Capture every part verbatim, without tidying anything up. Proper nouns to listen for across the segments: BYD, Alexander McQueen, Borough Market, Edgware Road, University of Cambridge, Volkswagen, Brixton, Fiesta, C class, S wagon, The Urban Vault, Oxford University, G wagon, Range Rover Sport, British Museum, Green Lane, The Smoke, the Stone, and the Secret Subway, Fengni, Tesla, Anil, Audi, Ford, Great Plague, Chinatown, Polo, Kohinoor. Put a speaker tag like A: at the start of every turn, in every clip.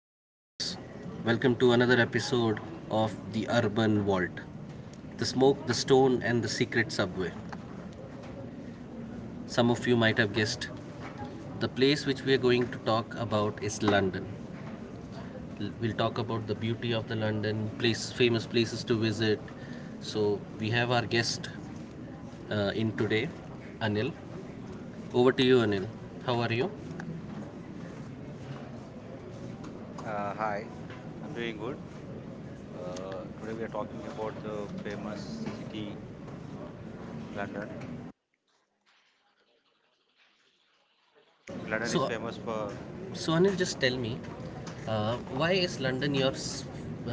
A: listeners. Welcome to another episode of The Urban Vault, The Smoke, the Stone, and the Secret Subway. Some of you might have guessed the place which we are going to talk about is London. L- We'll talk about the beauty of the London, place, famous places to visit. So, we have our guest uh, in today, Anil. Over to you, Anil. How are you?
B: Uh, hi, I'm doing good. Uh, today we are talking about the famous city London. London is
A: So,
B: famous for,
A: So Anil, just tell me, uh, why is London your s-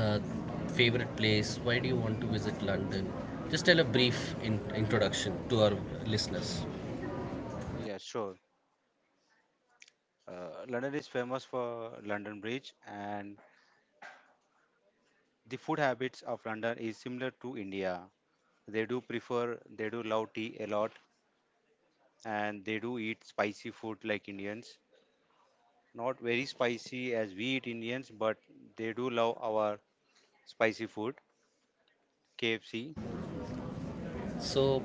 A: uh, favorite place? Why do you want to visit London? Just tell a brief in- introduction to our listeners.
B: yeah, sure. Uh, London is famous for London Bridge, and the food habits of London is similar to India. They do prefer, they do love tea a lot, and they do eat spicy food like Indians. Not very spicy as we eat Indians, but they do love our spicy food, K F C.
A: So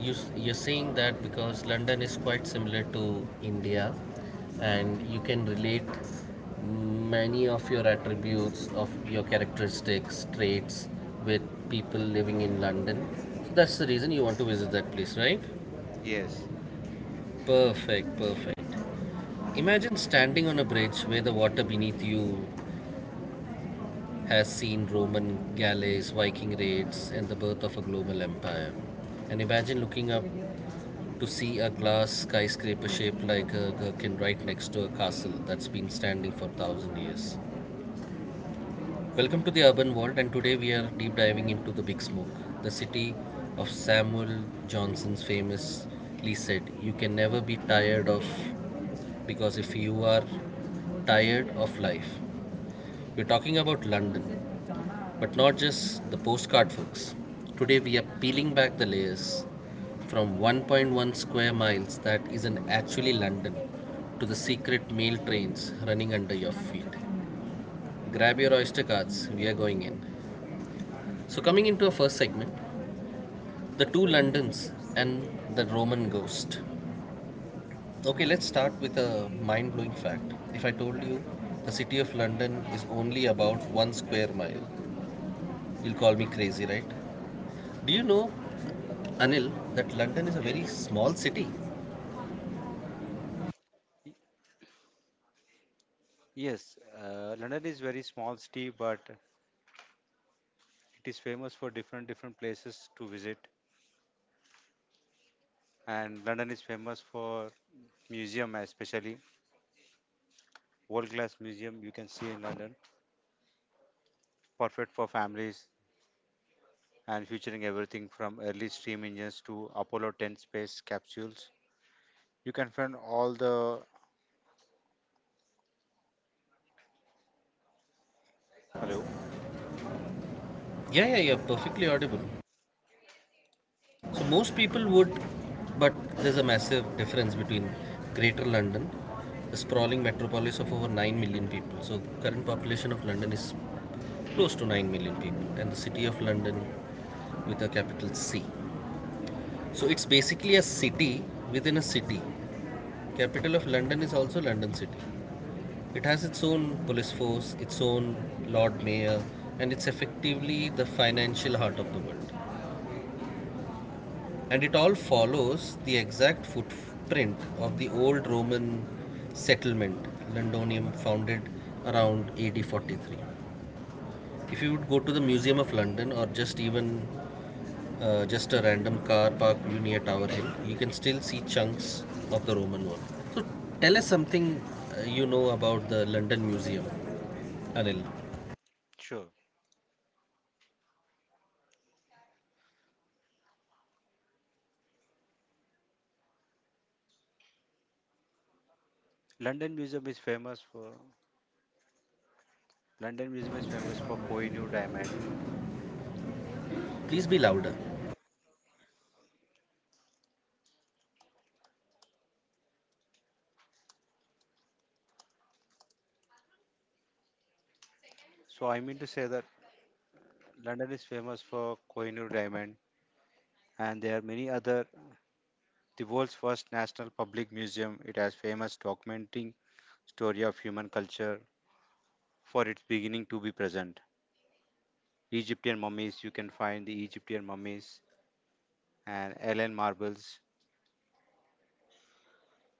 A: you s- you're saying that because London is quite similar to India, and you can relate many of your attributes of your characteristics traits with people living in London. So that's the reason you want to visit that place, right?
B: Yes,
A: Perfect, perfect. Imagine standing on a bridge where the water beneath you has seen Roman galleys, Viking raids, and the birth of a global empire. And imagine looking up to see a glass skyscraper shaped like a gherkin right next to a castle that's been standing for thousand years. Welcome to the Urban World, and today we are deep diving into the Big Smoke, the city of Samuel Johnson's famously said, "You can never be tired of because if you are tired of life. We're talking about London, but not just the postcard, folks. Today we are peeling back the layers from one point one square miles that isn't actually London to the secret mail trains running under your feet. Grab your Oyster cards, we are going in. So, coming into our first segment, the two Londons and the Roman ghost. Okay, let's start with a mind blowing fact. If I told you the city of London is only about one square mile, you'll call me crazy, right? Do you know, Anil, that London is a
B: yes,
A: very small city?
B: yes, uh, London is very small city, but it is famous for different different places to visit. And London is famous for museum, especially world class museum you can see in London, perfect for families and featuring everything from early steam engines to Apollo ten space capsules. You can find all the hello.
A: Yeah, yeah, yeah, perfectly audible. So most people would, but there's a massive difference between Greater London, a sprawling metropolis of over nine million people. So current population of London is close to nine million people, and the city of London with a capital C. So it's basically a city within a city. Capital of London is also London City. It has its own police force, its own Lord Mayor, and it's effectively the financial heart of the world. And it all follows the exact footprint of the old Roman settlement, Londonium, founded around A D forty-three. If you would go to the Museum of London or just even uh, just a random car park view near Tower Hill, you can still see chunks of the Roman world. So tell us something uh, you know about the London Museum, Anil.
B: Sure, London Museum is famous for London Museum is famous for Kohinoor diamond.
A: Please be louder.
B: So I mean to say that London is famous for Kohinoor diamond, and there are many other. The world's first national public museum, it has famous documenting story of human culture for its beginning to be present. Egyptian mummies, you can find the Egyptian mummies and alien marbles,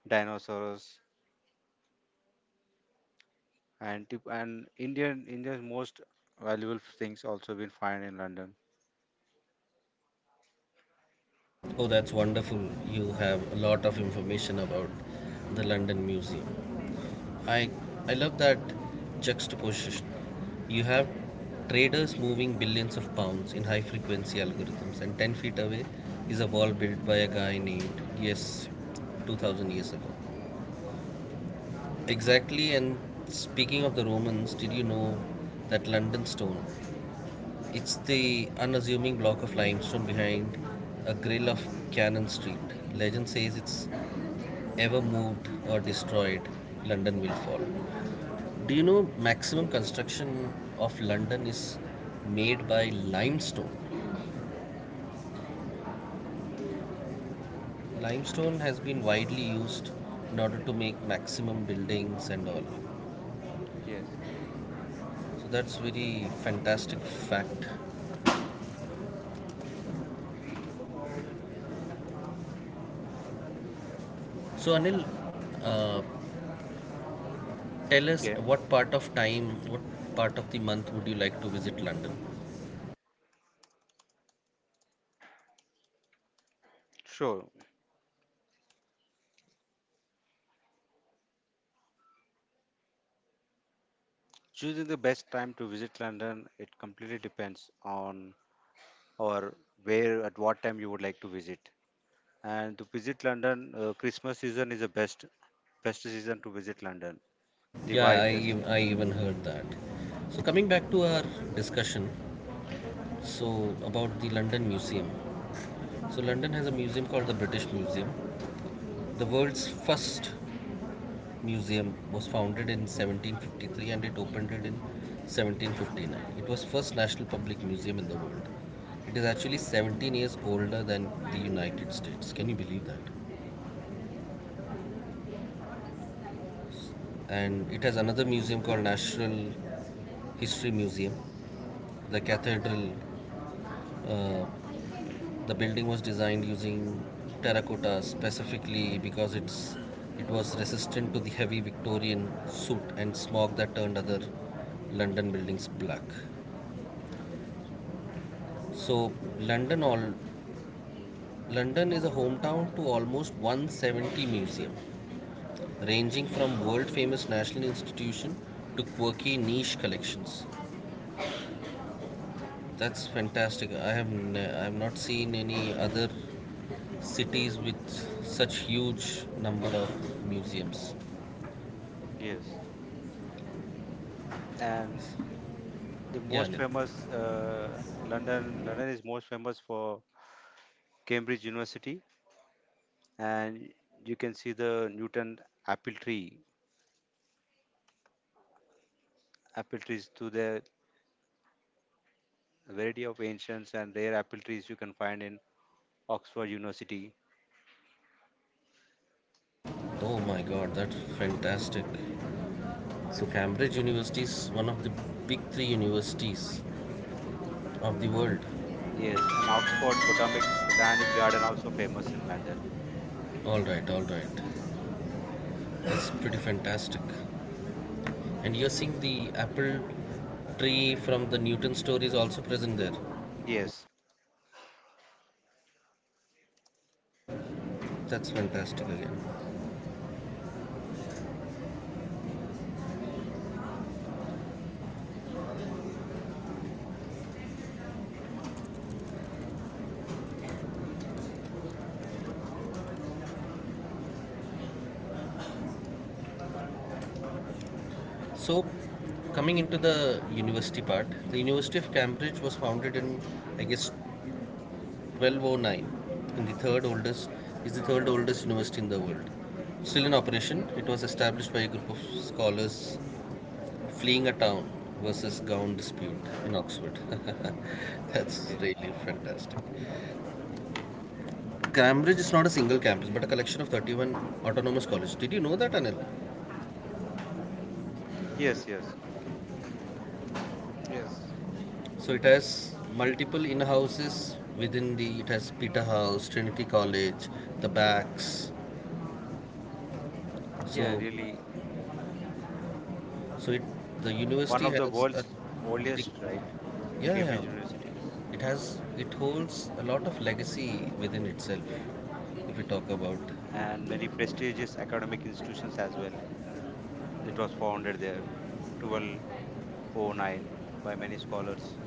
B: dinosaurs, and tip- and Indian India's most valuable things also been found in London.
A: Oh, that's wonderful. You have a lot of information about the London Museum. I, I love that juxtaposition. You have traders moving billions of pounds in high frequency algorithms, and ten feet away is a wall built by a guy named, yes, two thousand years ago. Exactly, and speaking of the Romans, did you know that London Stone, it's the unassuming block of limestone behind a grill of Cannon Street. Legend says it's ever moved or destroyed, London will fall. Do you know maximum construction of London is made by limestone? Limestone has been widely used in order to make maximum buildings and all.
B: Yes.
A: So that's very fantastic fact. So Anil, uh, tell us
B: Okay.
A: what part of time, what part of the month would you like to visit London?
B: Sure. Choosing the best time to visit London, it completely depends on or where at what time you would like to visit, and to visit London, uh, Christmas season is the best best season to visit London. The
A: Yeah,
B: vibe,
A: I,
B: the city,
A: ev- I even heard that. So, coming back to our discussion, so about the London Museum. So, London has a museum called the British Museum. The world's first museum was founded in seventeen fifty-three and it opened it in seventeen fifty-nine. It was first national public museum in the world. It is actually seventeen years older than the United States. Can you believe that? And it has another museum called National History Museum. The cathedral, uh, the building was designed using terracotta specifically because it's it was resistant to the heavy Victorian soot and smog that turned other London buildings black. So London all London is a hometown to almost one hundred seventy museum, ranging from world famous national institution to quirky niche collections. That's fantastic. I have n- I have not seen any other cities with such huge number of museums.
B: yes, and the
A: Yeah,
B: most
A: Anil.
B: famous uh, London. London is most famous for Cambridge University, and you can see the Newton apple tree. Apple trees to the variety of ancients and rare apple trees you can find in Oxford University.
A: Oh my God, that's fantastic. So Cambridge University is one of the big three universities of the world.
B: Yes, and Oxford Botanic Botanic Garden also famous in London.
A: All right, all right.
B: Ox-
A: That's pretty fantastic. And you're seeing the apple tree from the Newton story is also present there.
B: yes,
A: That's fantastic again. So, coming into the university part, the University of Cambridge was founded in, I guess, twelve oh nine, and the third oldest is the third oldest university in the world. Still in operation, it was established by a group of scholars fleeing a town versus gown dispute in Oxford. That's
B: yes,
A: really fantastic. Cambridge is not a single campus, but a collection of thirty-one autonomous colleges. Did you know that, Anil?
B: yes, yes, yes.
A: So it has multiple in houses within the, it has Peter House, Trinity College, the backs.
B: Yeah,
A: So
B: really,
A: so it the
B: one
A: university
B: of the
A: has a
B: world's
A: big,
B: oldest, right?
A: yeah, yeah,
B: Cambridge University,
A: it has it holds a lot of legacy within itself if we talk about.
B: and many prestigious academic institutions as well. It was founded there twelve hundred nine by many scholars,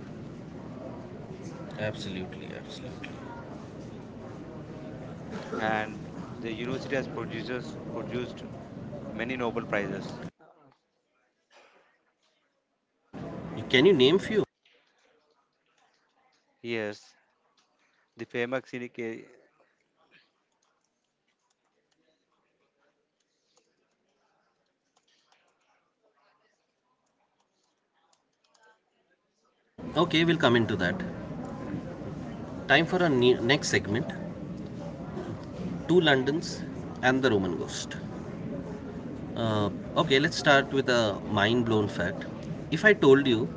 A: Absolutely, absolutely.
B: and the university has produced, produced many Nobel Prizes.
A: Can you name few?
B: Yes, the famous in ca-
A: Okay, we'll come into that. Time for our ne- next segment, two Londons and the Roman ghost. Uh, okay, let's start with a mind blown fact. If I told you,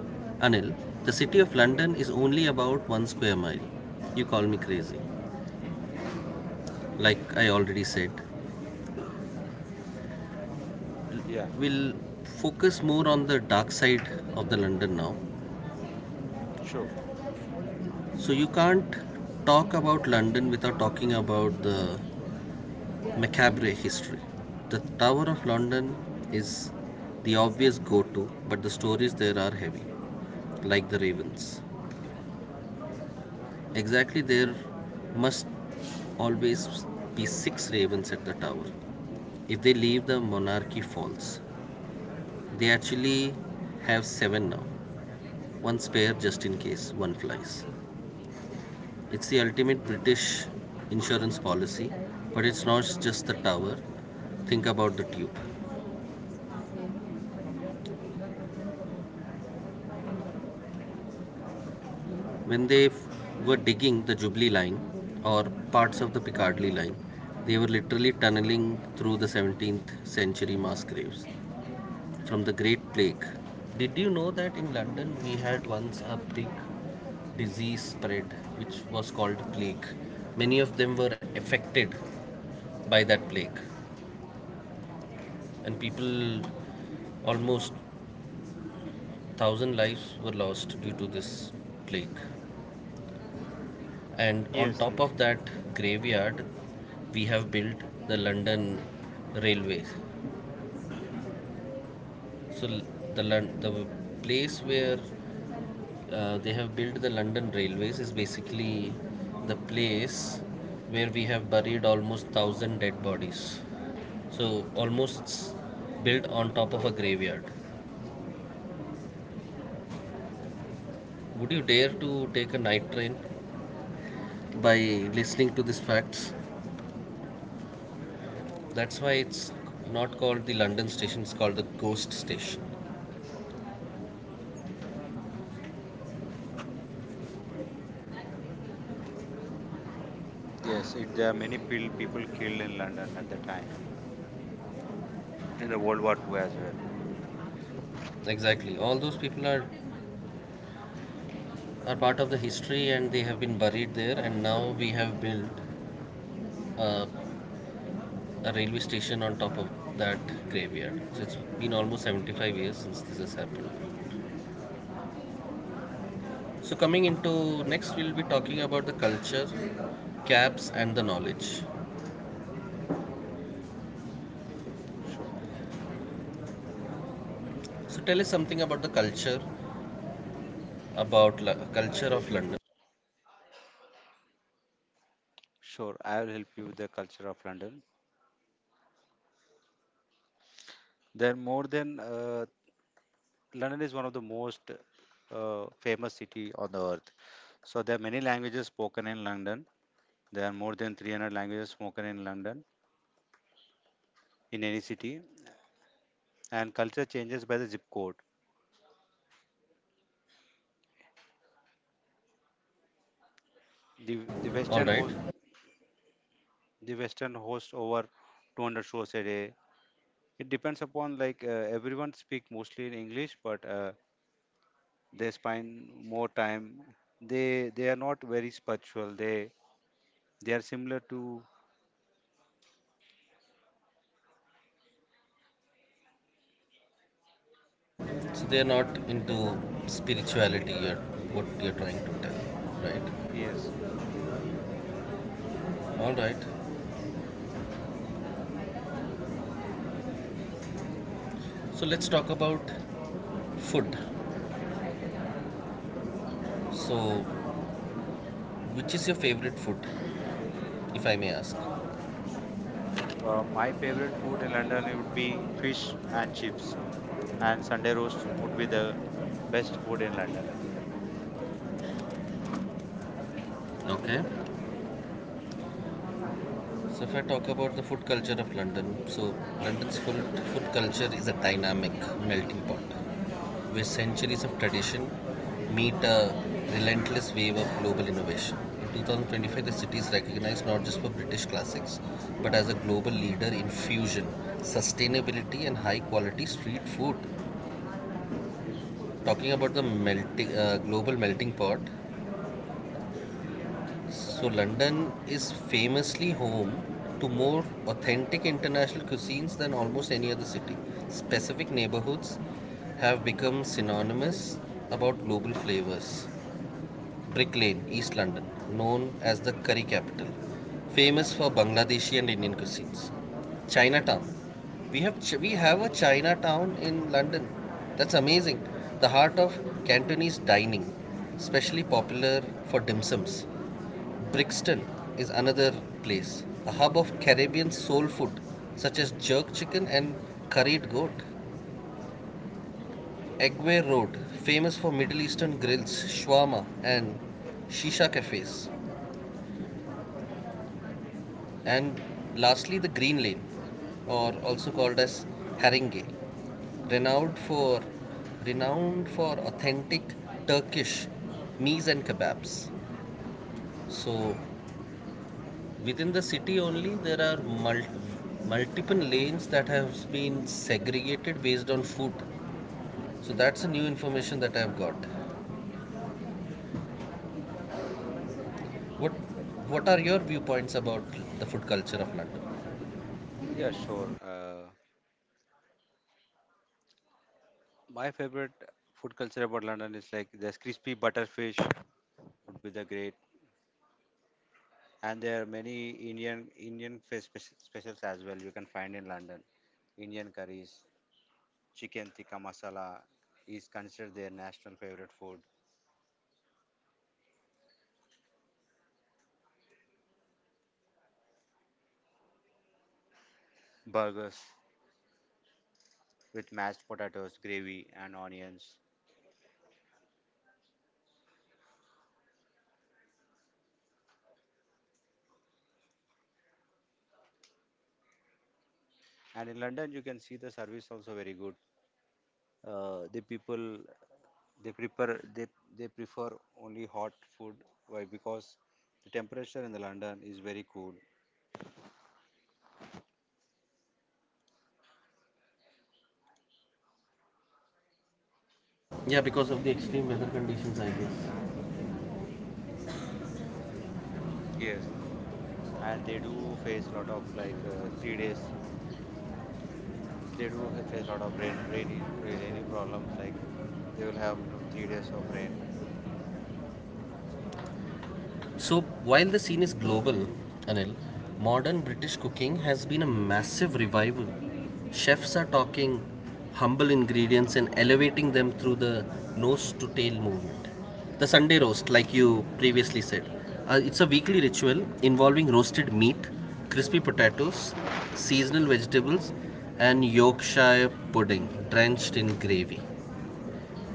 A: Anil, the city of
B: okay,
A: London is only about one square mile, you call me crazy. Like I already said,
B: yeah,
A: we'll focus more on the dark side of the London now.
B: sure.
A: So you can't talk about London without talking about the macabre history. The Tower of London is the obvious go to, but the stories there are heavy, like the Ravens. Exactly, there must always be six ravens at the tower. If they leave, the monarchy falls. They actually have seven now, one spare just in case one flies. It's the ultimate British insurance policy, but it's not just the tower. Think about the tube. When they were digging the Jubilee line or parts of the Piccadilly line, they were literally tunneling through the seventeenth century mass graves from the Great Plague. Did you know that in London we had once a big disease spread which was called plague? Many of them were affected by that plague, and people, almost thousand lives were lost due to this plague. And on
B: Yes,
A: top
B: yes,
A: of that graveyard, we have built the London railway. So the Lon- the place where uh, they have built the London Railways is basically the place where we have buried almost thousand dead bodies. So almost built on top of a graveyard. Would you dare to take a night train by listening to these facts? That's why it's not called the London station, it's called the ghost station.
B: yes. It, there are many pil- people killed in London at the time in the World War two as well.
A: Exactly. All those people are, are part of the history and they have been buried there, and now we have built a a railway station on top of that graveyard. So it's been almost seventy-five years since this has happened. So coming into next, we'll be talking about the culture, caps, and the knowledge.
B: Sure,
A: So tell us something about the culture, about Lo- culture of London.
B: sure. I will help you with the culture of London. There are more than uh, London is one of the most uh, famous city on the earth. So there are many languages spoken in London. There are more than three hundred languages spoken in London in any city, and culture changes by the zip code. The the
A: All
B: Western
A: right.
B: host the Western hosts over two hundred shows a day. It depends upon like uh, everyone speak mostly in English, but uh, they spend more time. They they are not very spiritual. They they are similar to,
A: So they are not into spirituality, or what you're trying to tell, right?
B: yes.
A: All right. So let's talk about food. So, which is your favorite food, if I may ask?
B: Well, my favorite food in London, it would be fish and chips, and Sunday roast would be the best food in London.
A: Okay. So if I talk about the food culture of London, so London's food, food culture is a dynamic melting pot where centuries of tradition meet a relentless wave of global innovation. In twenty twenty-five, the city is recognized not just for British classics, but as a global leader in fusion, sustainability, and high quality street food. Talking about the melting, uh, global melting pot, so London is famously home to more authentic international cuisines than almost any other city. Specific neighborhoods have become synonymous about global flavors. Brick Lane, East London, known as the curry capital, famous for Bangladeshi and Indian cuisines. Chinatown. We have Ch- we have a Chinatown in London. That's amazing. The heart of Cantonese dining, especially popular for dim sums. Brixton is another place, a hub of Caribbean soul food such as jerk chicken and curried goat. Egway Road, famous for Middle Eastern grills, shawarma, and shisha cafes. And lastly, the Green Lane, or also called as Haringey, renowned for renowned for authentic Turkish meats and kebabs. So within the city only, there are mul- multiple lanes that have been segregated based on food. So that's a new information that I have got. What What are your viewpoints about the food culture of London?
B: Yeah, sure. Uh, my favorite food culture about London is like there's crispy butterfish would be the great, and there are many Indian Indian fe- spec- specials as well you can find in London. Indian curries, chicken tikka masala is considered their national favorite food. Burgers with mashed potatoes, gravy, and onions. And in London, you can see the service also very good. Uh, the people, they prefer they they prefer only hot food. Why? Because the temperature in the London is very cool,
A: Yeah, because of the extreme weather conditions, I guess.
B: yes, and they do face a lot of like uh, three days. they do ha- face a lot of rain rainy rainy problems like they will have minimum three days of rain,
A: So, while the scene is global, Anil, modern British cooking has been a massive revival. Chefs are talking humble ingredients and elevating them through the nose to tail movement. The Sunday roast, like you previously said, uh, it's a weekly
B: yes,
A: ritual involving roasted meat, crispy potatoes, seasonal vegetables, and Yorkshire pudding drenched in gravy.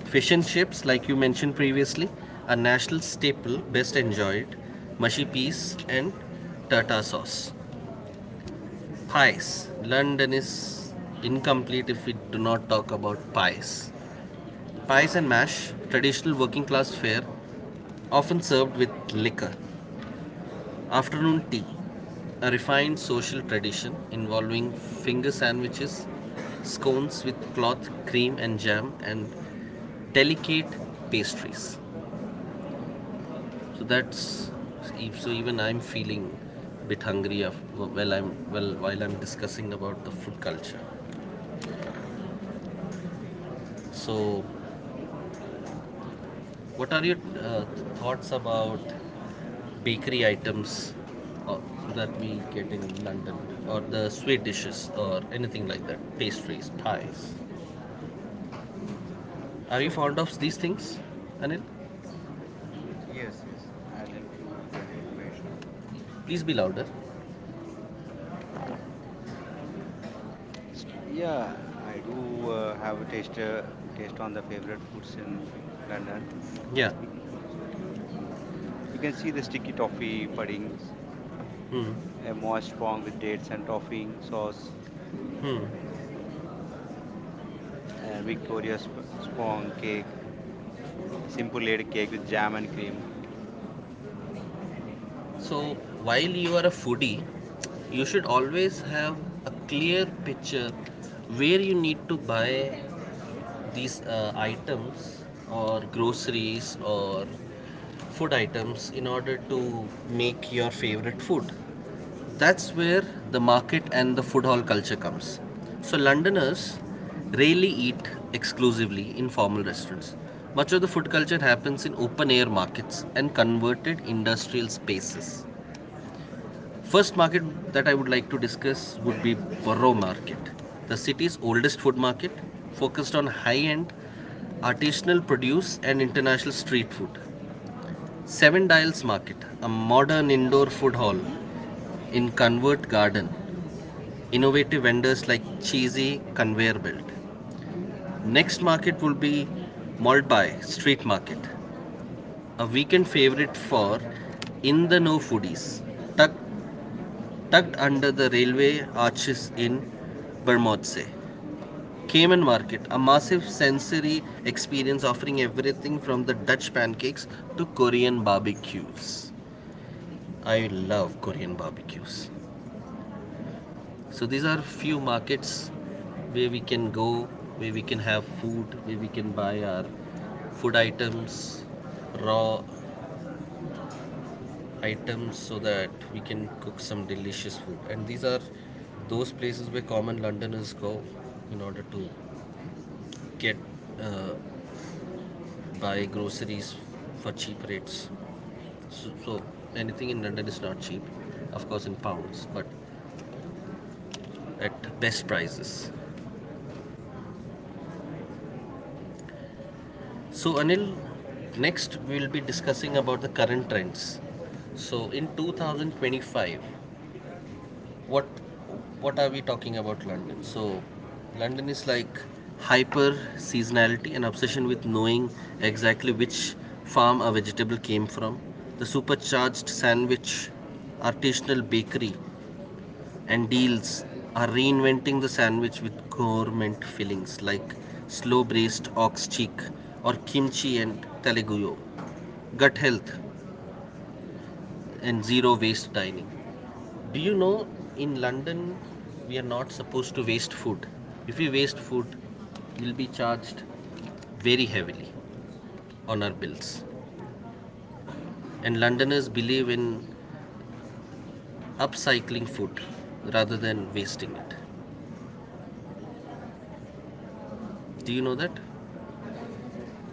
A: Fish and chips, like you mentioned previously, a national staple best enjoyed. Mushy peas and tartar sauce. Pies. London is incomplete if we do not talk about pies. Pies and mash, traditional working class fare, often served with liquor. Afternoon tea, a refined social tradition involving finger sandwiches, scones with cloth, cream, and jam, and delicate pastries. So that's so even I'm feeling a bit hungry while I'm well while I'm discussing about the food culture. So what are your uh, thoughts about bakery items uh, that we get in London, or the sweet dishes or anything like that, pastries, pies? Are you
B: sure.
A: fond of these things, Anil?
B: Yes, yes, I'll help you with that information.
A: Please be louder.
B: Yeah, I do uh, have a taste, uh, taste on the favorite foods in London.
A: Yeah.
B: Stick- you can see the sticky toffee puddings, a moist pong with dates and topping sauce, and Victoria sp- spong cake, a simple layer cake with jam and cream.
A: So, while you are a foodie, you should always have a clear picture where you need to buy these uh, items or groceries or food items in order to make your favorite food. That's where the market and the food hall culture comes. So, Londoners rarely eat exclusively in formal restaurants. Much of the food culture happens in open air markets and converted industrial spaces. First market that I would like to discuss would be Borough Market, the city's oldest food market focused on high end artisanal produce and international street food. Seven Dials Market, a modern indoor food hall in Convert Garden, innovative vendors like Cheesy Conveyor Belt. Next market will be Malt Street Market, a weekend favorite for in the know foodies, tucked, tucked under the railway arches in Bermondsey. Cayman Market, a massive sensory experience offering everything from the Dutch pancakes to Korean barbecues. I love Korean barbecues. So these are few markets where we can go, where we can have food, where we can buy our food items, raw items so that we can cook some delicious food. And these are those places where common Londoners go in order to get uh, buy groceries for cheap rates. So, so anything in London is not cheap, of course in pounds, but at best prices. So Anil, next we will be discussing about the current trends. So in twenty twenty-five, what what are we talking about London? So London is like hyper seasonality and obsession with knowing exactly which farm a vegetable came from. The supercharged sandwich, artisanal bakery, and deals are reinventing the sandwich with gourmet fillings like slow braised ox cheek or kimchi and taleguyo. Gut health and zero waste dining. Do you know, in London we are not supposed to waste food? If we waste food, we'll be charged very heavily on our bills. And Londoners believe in upcycling food rather than wasting it. Do you know that?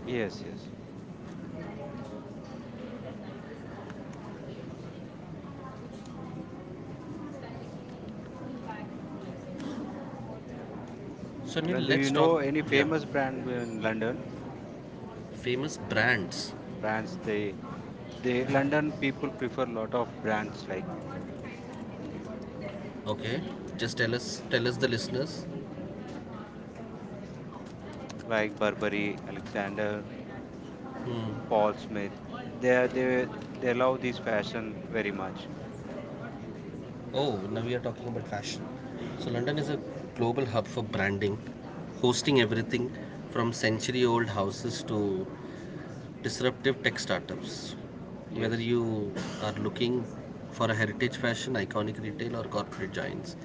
B: Yes, yes.
A: So,
B: And do you
A: let's talk.
B: know any
A: Yeah.
B: famous brand in London?
A: Famous brands.
B: Brands, they they London people prefer a lot of brands like
A: Okay, just tell us tell us the listeners.
B: like Burberry, Alexander, Paul Smith. They they they love this fashion very much.
A: Oh, now we are talking about fashion. So London is a global hub for branding, hosting everything from century old houses to disruptive tech startups. Whether
B: Yes,
A: you are looking for a heritage fashion, iconic retail, or corporate giants,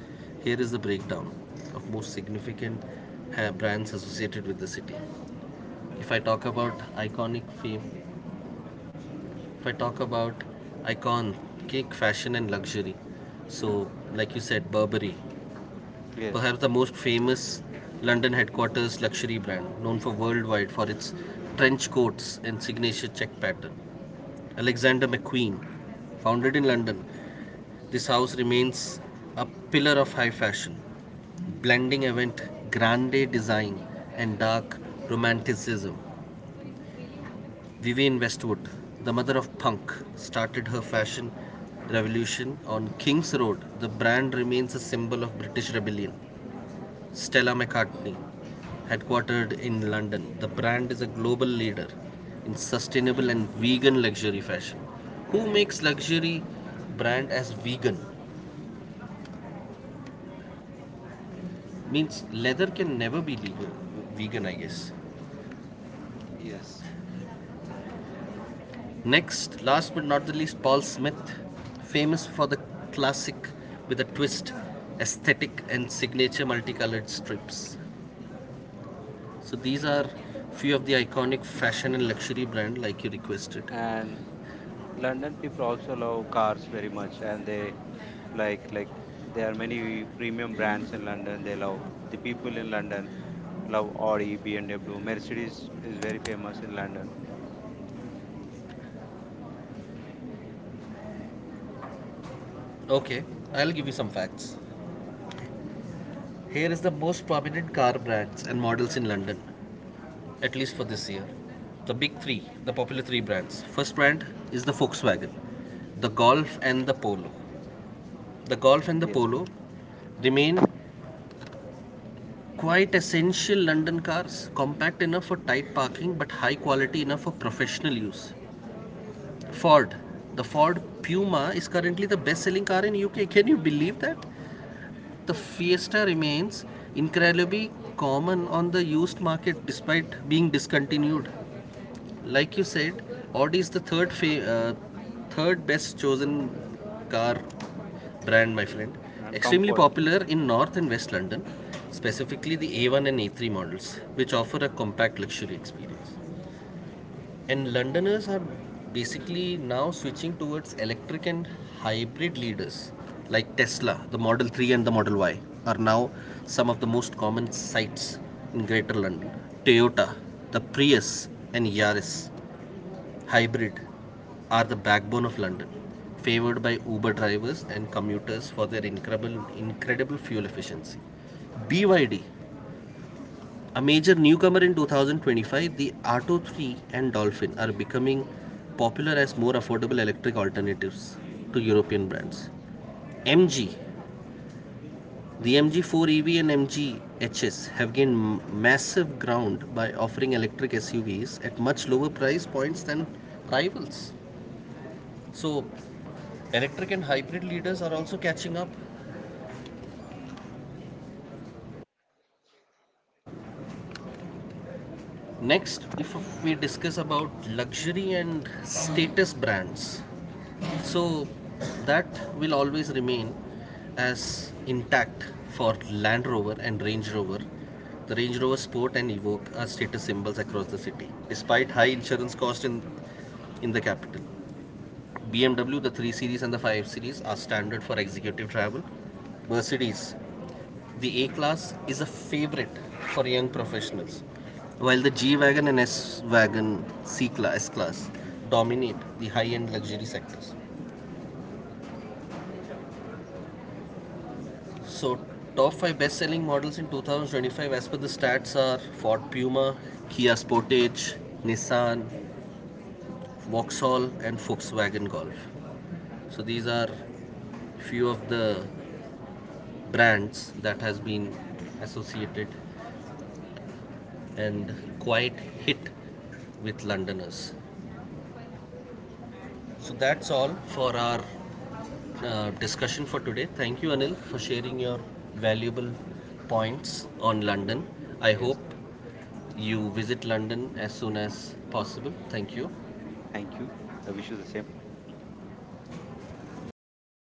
A: here is the breakdown of most significant uh, brands associated with the city. If I talk about iconic fame If I talk about icon, cake, fashion, and luxury, so like you said, Burberry,
B: yes,
A: perhaps the most famous London headquarters luxury brand, known for worldwide for its trench coats and signature check pattern. Alexander McQueen, founded in London, this house remains a pillar of high fashion, blending event grande design and dark romanticism. Vivienne Westwood, the mother of punk, started her fashion revolution on King's Road. The brand remains a symbol of British rebellion. Stella McCartney, headquartered in London, the brand is a global leader in sustainable and vegan luxury fashion. Who makes luxury brand as vegan? Means leather can never be legal, vegan, I guess.
B: yes.
A: Next, last but not the least, Paul Smith, famous for the classic with a twist aesthetic and signature multicolored strips. So these are few of the iconic fashion and luxury brand like you requested.
B: And London people also love cars very much, and they like like there are many premium brands in London. They love the people in London love Audi, BMW. Mercedes is very famous in London,
A: Okay, I'll give you some facts. Here is the most prominent car brands and models in London, at least for this year. The big three, the popular three brands. First brand is the Volkswagen, the Golf and the Polo. The Golf and the
B: yes.
A: Polo remain quite essential London cars, compact enough for tight parking but high quality enough for professional use. Ford. The Ford Puma is currently the best selling car in U K. Can you believe that? The Fiesta remains incredibly common on the used market despite being discontinued. Like you said, Audi is the third uh, third best chosen car brand, my friend.
B: Mm, and
A: Extremely
B: comfort
A: popular in North and West London, specifically the A one and A three models, which offer a compact luxury experience. And Londoners are basically now switching towards electric and hybrid leaders like Tesla. The Model three and the Model Y are now some of the most common sights in Greater London. Toyota, the Prius and Yaris Hybrid are the backbone of London, favored by Uber drivers and commuters for their incredible, incredible fuel efficiency. B Y D, a major newcomer in twenty twenty-five, the Arto three and Dolphin are becoming popular as more affordable electric alternatives to European brands. MG, the M G four EV and MG HS have gained massive ground by offering electric S U Vs at much lower price points than rivals. So, electric and hybrid leaders are also catching up. Next, if we discuss about luxury and status brands, so that will always remain as intact for Land Rover and Range Rover. The Range Rover Sport and Evoque are status symbols across the city, despite high insurance cost in in the capital. B M W, the three Series and the five Series are standard for executive travel. Mercedes, the A class is a favorite for young professionals, while the G wagon and S wagon, C class, S class dominate the high-end luxury sectors. So, top five best-selling models in twenty twenty-five, as per the stats, are Ford Puma, Kia Sportage, Nissan, Vauxhall, and Volkswagen Golf. So these are few of the brands that has been associated and quite hit with Londoners. So that's all for our uh, discussion for today. Thank you, Anil, for sharing your valuable points on
B: as well.
A: London. I
B: Yes,
A: hope you visit London as soon as possible. Thank you.
B: thank you. I wish you the same. Very much.